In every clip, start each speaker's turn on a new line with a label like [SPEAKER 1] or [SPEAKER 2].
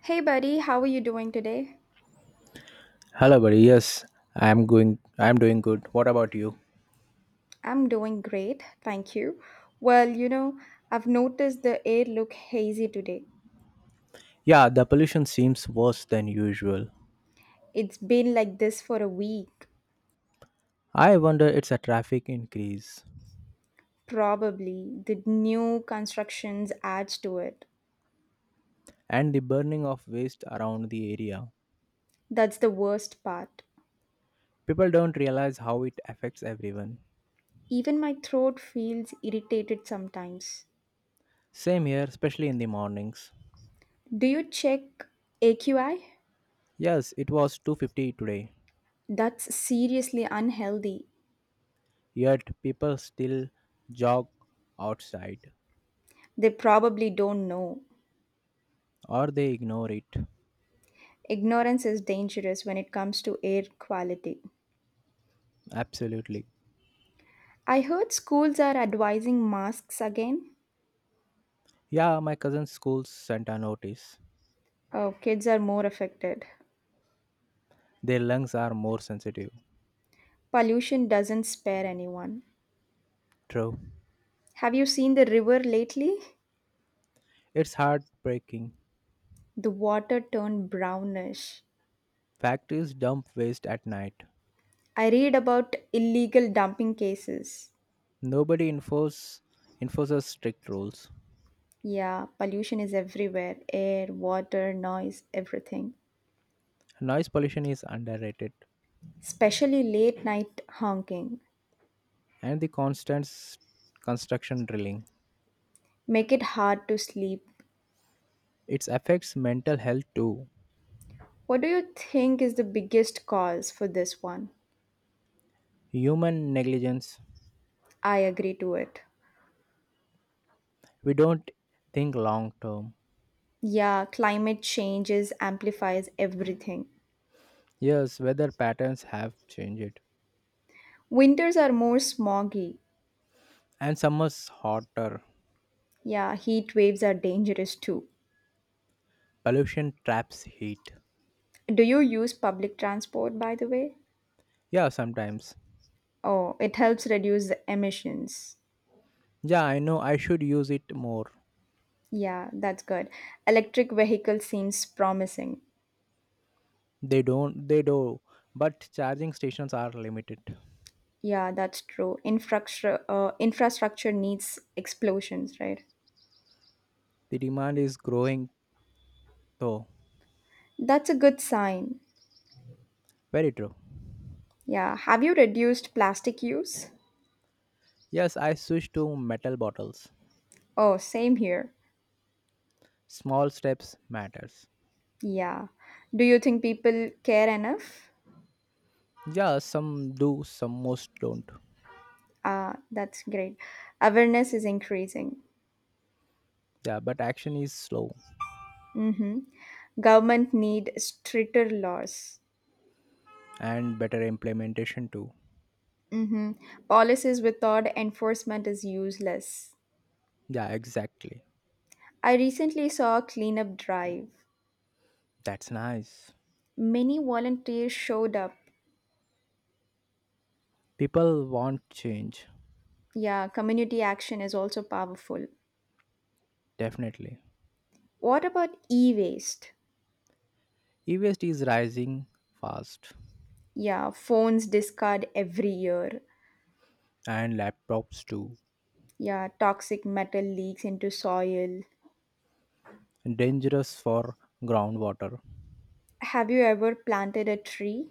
[SPEAKER 1] Hey, buddy, how are you doing today?
[SPEAKER 2] Hello, buddy. Yes, I'm going. I'm doing good. What about you?
[SPEAKER 1] I'm doing great, thank you. Well, you know, I've noticed the air look hazy today.
[SPEAKER 2] Yeah, the pollution seems worse than usual.
[SPEAKER 1] It's been like this for a week.
[SPEAKER 2] I wonder it's a traffic increase
[SPEAKER 1] Probably the new constructions adds to it.
[SPEAKER 2] and the burning of waste around the area.
[SPEAKER 1] That's the worst part.
[SPEAKER 2] People don't realize how it affects everyone.
[SPEAKER 1] Even my throat feels irritated sometimes.
[SPEAKER 2] Same here, especially in the mornings.
[SPEAKER 1] Do you check AQI?
[SPEAKER 2] Yes, it was 250 today.
[SPEAKER 1] That's seriously unhealthy.
[SPEAKER 2] Yet people still jog outside
[SPEAKER 1] They probably don't know.
[SPEAKER 2] or they ignore it.
[SPEAKER 1] Ignorance is dangerous when it comes to air quality.
[SPEAKER 2] Absolutely.
[SPEAKER 1] I heard schools are advising masks again.
[SPEAKER 2] Yeah, my cousin's school sent a notice.
[SPEAKER 1] Oh, kids are more affected.
[SPEAKER 2] Their lungs are more sensitive.
[SPEAKER 1] Pollution doesn't spare anyone.
[SPEAKER 2] True.
[SPEAKER 1] Have you seen the river lately?
[SPEAKER 2] It's heartbreaking.
[SPEAKER 1] The water turned brownish.
[SPEAKER 2] Factories dump waste at night.
[SPEAKER 1] I read about illegal dumping cases.
[SPEAKER 2] Nobody enforces strict rules.
[SPEAKER 1] Yeah, pollution is everywhere air, water, noise, everything.
[SPEAKER 2] Noise pollution is underrated,
[SPEAKER 1] Especially late night honking.
[SPEAKER 2] and the constant construction drilling.
[SPEAKER 1] Make it hard to sleep.
[SPEAKER 2] It affects mental health too.
[SPEAKER 1] What do you think is the biggest cause for this one?
[SPEAKER 2] Human negligence.
[SPEAKER 1] I agree to it.
[SPEAKER 2] We don't think long term.
[SPEAKER 1] Yeah, climate changes amplifies everything.
[SPEAKER 2] Yes, weather patterns have changed,
[SPEAKER 1] Winters are more smoggy.
[SPEAKER 2] and summer's hotter.
[SPEAKER 1] Yeah, heat waves are dangerous too.
[SPEAKER 2] Pollution traps heat.
[SPEAKER 1] Do you use public transport by the way?
[SPEAKER 2] Yeah, sometimes.
[SPEAKER 1] Oh, it helps reduce the emissions.
[SPEAKER 2] Yeah, I know I should use it more.
[SPEAKER 1] Yeah, that's good. Electric vehicle seems promising.
[SPEAKER 2] They don't, they do, but charging stations are limited.
[SPEAKER 1] Yeah, that's true. Infrastructure needs explosions, right?
[SPEAKER 2] The demand is growing though.
[SPEAKER 1] That's a good sign.
[SPEAKER 2] Very true.
[SPEAKER 1] Yeah, have you reduced plastic use?
[SPEAKER 2] Yes, I switched to metal bottles.
[SPEAKER 1] Oh, same here.
[SPEAKER 2] Small steps matters.
[SPEAKER 1] Yeah. Do you think people care enough?
[SPEAKER 2] Yeah, some do, some most don't.
[SPEAKER 1] Ah, that's great. Awareness is increasing.
[SPEAKER 2] Yeah, but action is slow
[SPEAKER 1] Government need stricter laws.
[SPEAKER 2] and better implementation too.
[SPEAKER 1] Mm-hmm. Policies without enforcement is useless.
[SPEAKER 2] Yeah, exactly.
[SPEAKER 1] I recently saw a cleanup drive.
[SPEAKER 2] That's nice.
[SPEAKER 1] Many volunteers showed up.
[SPEAKER 2] People want change,
[SPEAKER 1] Yeah, community action is also powerful.
[SPEAKER 2] definitely.
[SPEAKER 1] What about e-waste?
[SPEAKER 2] E-waste is rising fast
[SPEAKER 1] Yeah, phones discard every year.
[SPEAKER 2] and laptops too.
[SPEAKER 1] Yeah, toxic metal leaks into soil.
[SPEAKER 2] Dangerous for groundwater.
[SPEAKER 1] Have you ever planted a tree?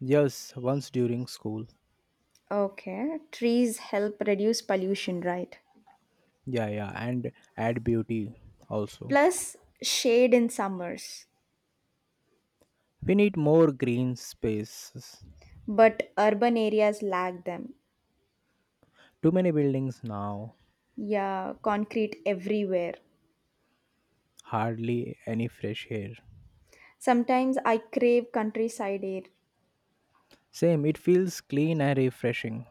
[SPEAKER 2] Yes, once during school.
[SPEAKER 1] Okay, trees help reduce pollution, right?
[SPEAKER 2] Yeah, yeah, and add beauty also.
[SPEAKER 1] Plus, shade in summers,
[SPEAKER 2] We need more green spaces.
[SPEAKER 1] but urban areas lack them.
[SPEAKER 2] Too many buildings now,
[SPEAKER 1] Yeah, concrete everywhere.
[SPEAKER 2] hardly any fresh air.
[SPEAKER 1] Sometimes I crave countryside air.
[SPEAKER 2] Same, it feels clean and refreshing,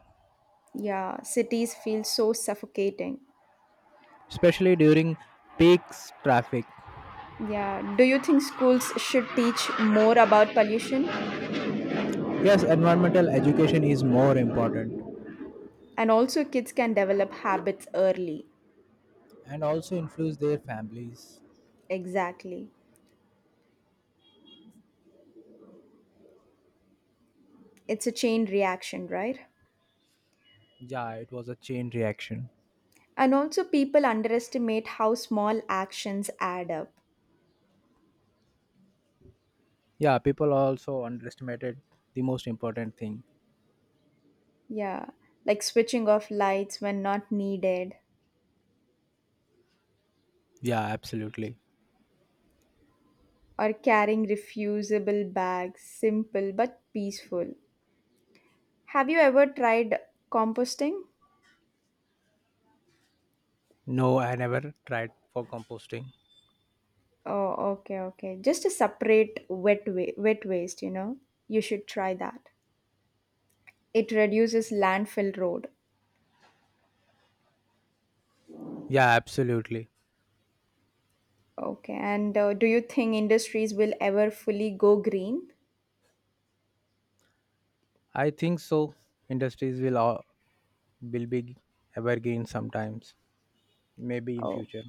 [SPEAKER 1] Yeah, cities feel so suffocating.
[SPEAKER 2] especially during peaks traffic.
[SPEAKER 1] Yeah, do you think schools should teach more about pollution?
[SPEAKER 2] Yes, environmental education is more important
[SPEAKER 1] And also, kids can develop habits early.
[SPEAKER 2] and also influence their families.
[SPEAKER 1] Exactly. It's a chain reaction, right?
[SPEAKER 2] Yeah, it was a chain reaction.
[SPEAKER 1] And also, people underestimate how small actions add up.
[SPEAKER 2] Yeah, people also underestimated the most important thing.
[SPEAKER 1] Yeah, like switching off lights when not needed,
[SPEAKER 2] Yeah, absolutely.
[SPEAKER 1] or carrying refusable bags, simple but peaceful. Have you ever tried composting?
[SPEAKER 2] No, I never tried for composting.
[SPEAKER 1] Oh, okay, okay. Just a separate wet waste, you know? You should try that. It reduces landfill road.
[SPEAKER 2] Yeah, absolutely.
[SPEAKER 1] Okay, and do you think industries will ever fully go green?
[SPEAKER 2] I think so. Industries will be evergreen sometimes. Maybe in
[SPEAKER 1] Oh,
[SPEAKER 2] future.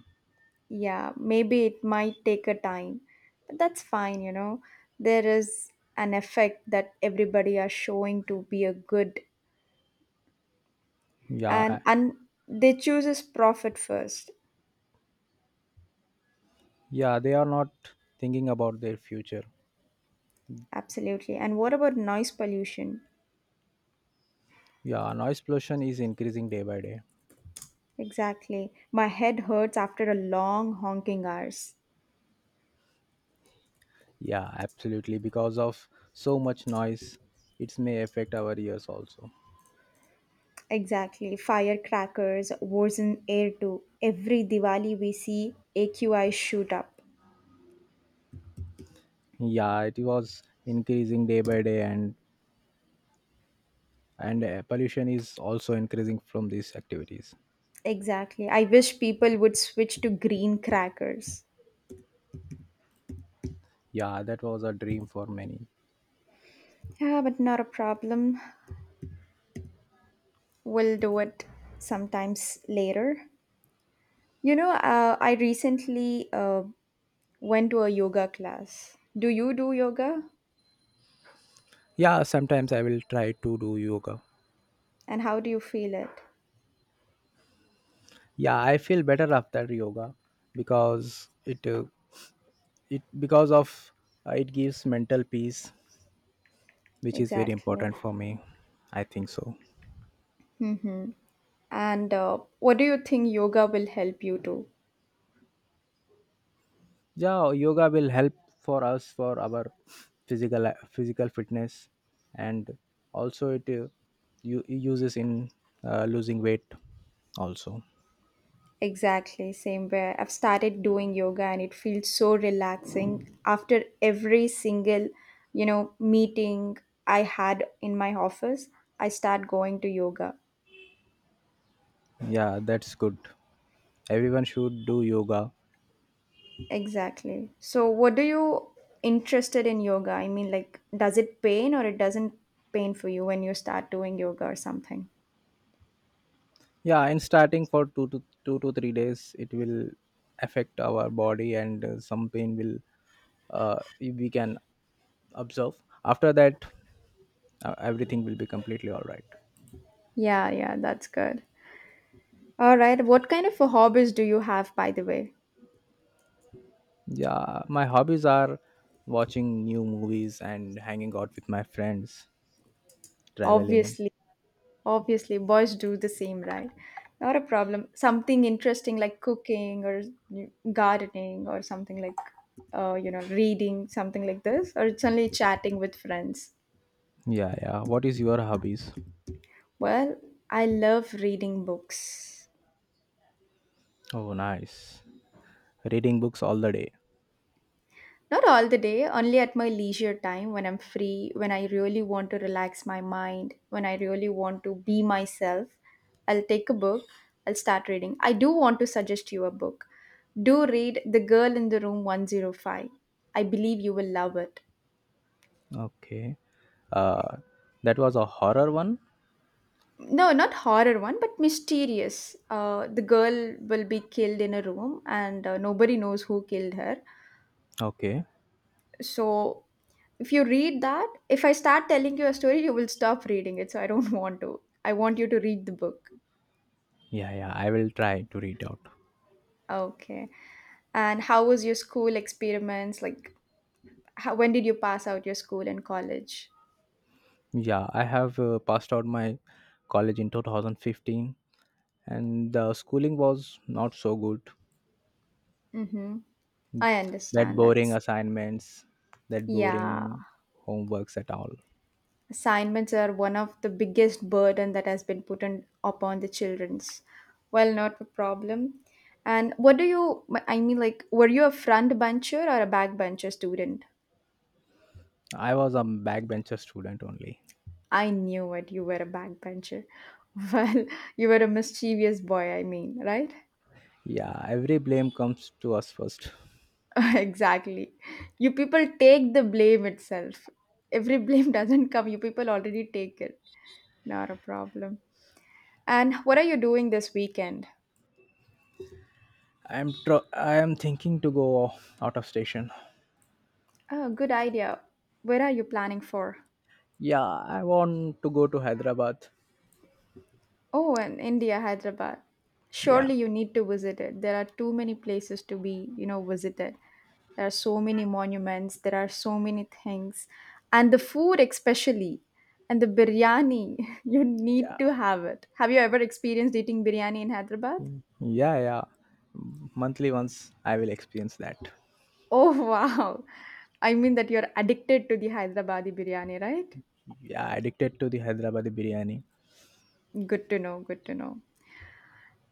[SPEAKER 1] yeah, maybe it might take a time, but that's fine, you know. There is an effect that everybody are showing to be a good
[SPEAKER 2] Yeah,
[SPEAKER 1] and
[SPEAKER 2] I-
[SPEAKER 1] and they chooses profit first.
[SPEAKER 2] yeah, they are not thinking about their future.
[SPEAKER 1] Absolutely. And what about noise pollution?
[SPEAKER 2] Yeah, noise pollution is increasing day by day.
[SPEAKER 1] Exactly. My head hurts after a long honking hours.
[SPEAKER 2] Yeah, absolutely. Because of so much noise, it may affect our ears also.
[SPEAKER 1] Exactly. Firecrackers, wars in air too. Every Diwali we see AQI shoot up.
[SPEAKER 2] Yeah, it was increasing day by day, and pollution is also increasing from these activities.
[SPEAKER 1] Exactly. I wish people would switch to green crackers.
[SPEAKER 2] Yeah, that was a dream for many.
[SPEAKER 1] Yeah, but not a problem. We'll do it sometimes later. You know, I recently went to a yoga class. Do you do yoga?
[SPEAKER 2] Yeah, sometimes I will try to do yoga.
[SPEAKER 1] And how do you feel it?
[SPEAKER 2] Yeah, I feel better after yoga because it it because of it gives mental peace, which is very
[SPEAKER 1] Exactly.
[SPEAKER 2] important for me. I think so.
[SPEAKER 1] And what do you think yoga will help you do?
[SPEAKER 2] Yeah, yoga will help for us for our physical fitness, and also it uses in losing weight also.
[SPEAKER 1] Exactly, same way. I've started doing yoga and it feels so relaxing after every single, you know, meeting I had in my office. I start going to yoga.
[SPEAKER 2] Yeah, that's good. Everyone should do yoga.
[SPEAKER 1] Exactly. So what do you interested in yoga? I mean like does it pain or it doesn't pain for you when you start doing yoga or something?
[SPEAKER 2] Yeah, in starting for two to three days, it will affect our body, and some pain will, we can observe. After that, everything will be completely all right.
[SPEAKER 1] Yeah, yeah, that's good. All right. What kind of a hobbies do you have by the way?
[SPEAKER 2] Yeah, my hobbies are watching new movies and hanging out with my friends, traveling.
[SPEAKER 1] Obviously, obviously boys do the same, right? Not a problem. Something interesting like cooking or gardening or something like you know, reading something like this or it's only chatting with friends.
[SPEAKER 2] Yeah, yeah, what is your hobbies?
[SPEAKER 1] Well, I love reading books.
[SPEAKER 2] Oh, nice, reading books all the day.
[SPEAKER 1] Not all the day, only at my leisure time when I'm free, when I really want to relax my mind, when I really want to be myself. I'll take a book, I'll start reading. I do want to suggest you a book. Do read The Girl in the Room 105. I believe you will love it.
[SPEAKER 2] Okay. uh that was a horror one.
[SPEAKER 1] No, not horror one, but mysterious. The girl will be killed in a room and nobody knows who killed her.
[SPEAKER 2] Okay.
[SPEAKER 1] So if you read that, if I start telling you a story, you will stop reading it. So I don't want to. I want you to read the book.
[SPEAKER 2] Yeah, yeah, I will try to read out.
[SPEAKER 1] Okay. And how was your school experiments? Like, when did you pass out your school and college?
[SPEAKER 2] Yeah, I have passed out my college in 2015, and the schooling was not so good.
[SPEAKER 1] Mm-hmm. I
[SPEAKER 2] That
[SPEAKER 1] understand.
[SPEAKER 2] boring
[SPEAKER 1] That's
[SPEAKER 2] assignments, that
[SPEAKER 1] Yeah.
[SPEAKER 2] boring homeworks at all.
[SPEAKER 1] Assignments are one of the biggest burden that has been put upon the childrens. Well, not a problem. And what do you? I mean, like, were you a front bencher or a back bencher student?
[SPEAKER 2] I was a backbencher student only.
[SPEAKER 1] I knew it. You were a backbencher. Well, you were a mischievous boy, I mean, right?
[SPEAKER 2] Yeah, every blame comes to us first.
[SPEAKER 1] Exactly. You people take the blame itself. Every blame doesn't come, you people already take it. Not a problem. And what are you doing this weekend?
[SPEAKER 2] I am thinking to go out of station.
[SPEAKER 1] Oh, good idea. Where are you planning for?
[SPEAKER 2] Yeah, I want to go to Hyderabad.
[SPEAKER 1] Oh, and India, Hyderabad.
[SPEAKER 2] Yeah,
[SPEAKER 1] Surely you need to visit it. There are too many places to be, you know, visited. There are so many monuments, there are so many things. And the food especially, and the biryani, you
[SPEAKER 2] yeah,
[SPEAKER 1] need to have it. Have you ever experienced eating biryani in Hyderabad?
[SPEAKER 2] yeah, yeah. Monthly once I will experience that.
[SPEAKER 1] Oh, wow. I mean that you're addicted to the Hyderabadi biryani, right?
[SPEAKER 2] Yeah, addicted to the Hyderabadi biryani.
[SPEAKER 1] Good to know, good to know.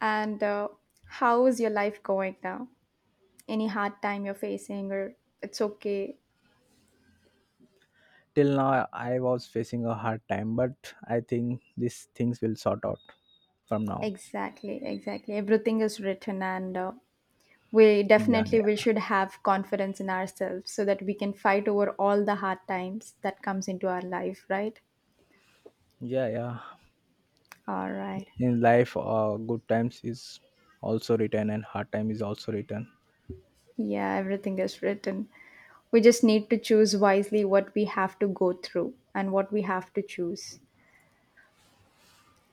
[SPEAKER 1] And how is your life going now? Any hard time you're facing, or it's okay?
[SPEAKER 2] Till now I was facing a hard time, but I think these things will sort out from now.
[SPEAKER 1] Exactly, exactly. Everything is written, and we
[SPEAKER 2] Yeah,
[SPEAKER 1] definitely we
[SPEAKER 2] yeah,
[SPEAKER 1] should have confidence in ourselves so that we can fight over all the hard times that comes into our life, right?
[SPEAKER 2] yeah, yeah.
[SPEAKER 1] All right.
[SPEAKER 2] In life, good times is also written, and hard time is also written.
[SPEAKER 1] Yeah, everything is written. We just need to choose wisely what we have to go through and what we have to choose.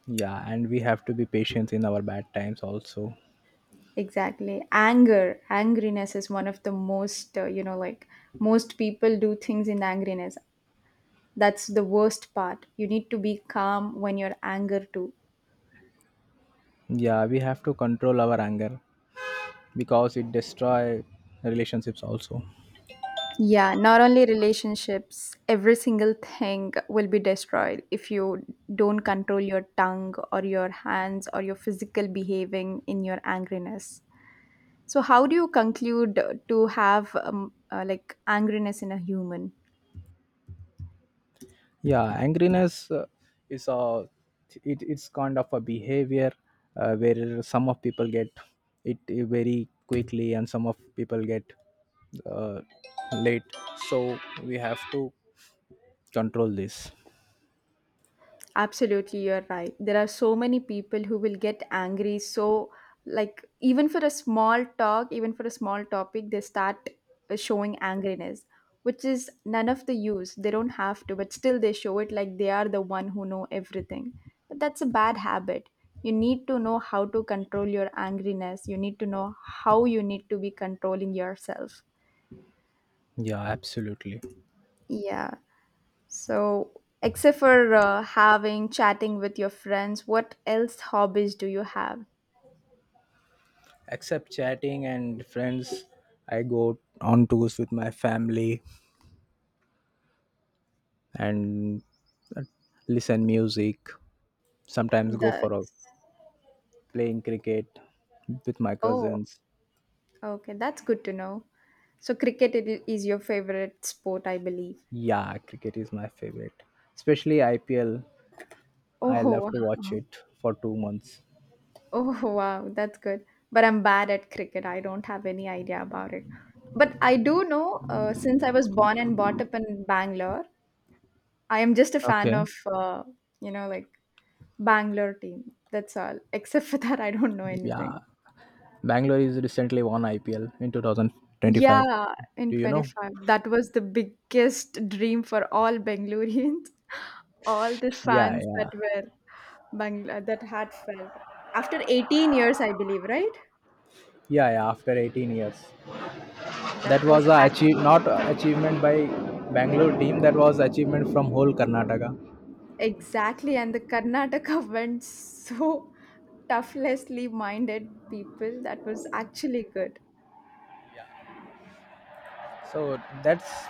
[SPEAKER 2] Yeah, and we have to be patient in our bad times also.
[SPEAKER 1] Exactly. Anger, angriness is one of the most, like most people do things in angriness. That's the worst part. You need to be calm when you're anger too.
[SPEAKER 2] Yeah, we have to control our anger because it destroy relationships also.
[SPEAKER 1] Yeah, not only relationships, every single thing will be destroyed if you don't control your tongue or your hands or your physical behaving in your angriness. So, how do you conclude to have like angriness in a human?
[SPEAKER 2] Yeah, angriness, is it's kind of a behavior where some of people get it very quickly, and some of people get uh, late, so we have to control this.
[SPEAKER 1] Absolutely, you're right. There are so many people who will get angry. So, like, even for a small talk, even for a small topic, they start showing angriness, which is none of the use. They don't have to, but still they show it like they are the one who know everything. But that's a bad habit. You need to know how to control your angriness. You need to know how you need to be controlling yourself.
[SPEAKER 2] Yeah, absolutely.
[SPEAKER 1] Yeah. So, except for having chatting with your friends, what else hobbies do you have?
[SPEAKER 2] Except chatting and friends, I go on tours with my family, and uh, listen music, sometimes go for a
[SPEAKER 1] That's
[SPEAKER 2] playing cricket with my
[SPEAKER 1] oh,
[SPEAKER 2] cousins.
[SPEAKER 1] okay, that's good to know. So, cricket is your favorite sport, I believe.
[SPEAKER 2] Yeah, cricket is my favorite, especially IPL.
[SPEAKER 1] Oh,
[SPEAKER 2] I love to
[SPEAKER 1] wow.
[SPEAKER 2] watch it for 2 months.
[SPEAKER 1] Oh, wow, that's good. But I'm bad at cricket. I don't have any idea about it. But I do know, since I was born and brought up in Bangalore, I am just a fan
[SPEAKER 2] Okay.
[SPEAKER 1] of, uh, you know, like Bangalore team. That's all. Except for that, I don't know anything.
[SPEAKER 2] Yeah, Bangalore is recently won IPL in 2025.
[SPEAKER 1] Yeah, in
[SPEAKER 2] Do you know?
[SPEAKER 1] 25. That was the biggest dream for all Bangaloreans, all the
[SPEAKER 2] Yeah,
[SPEAKER 1] fans that
[SPEAKER 2] yeah,
[SPEAKER 1] were Bangla that had felt. After 18 years, I believe, right?
[SPEAKER 2] yeah, yeah. After 18 years,
[SPEAKER 1] That
[SPEAKER 2] that
[SPEAKER 1] was
[SPEAKER 2] was a achieve,
[SPEAKER 1] actually good.
[SPEAKER 2] not a achievement by Bangalore team. That was achievement from whole Karnataka.
[SPEAKER 1] Exactly, and the Karnataka went so toughlessly minded people. That was actually good.
[SPEAKER 2] So that's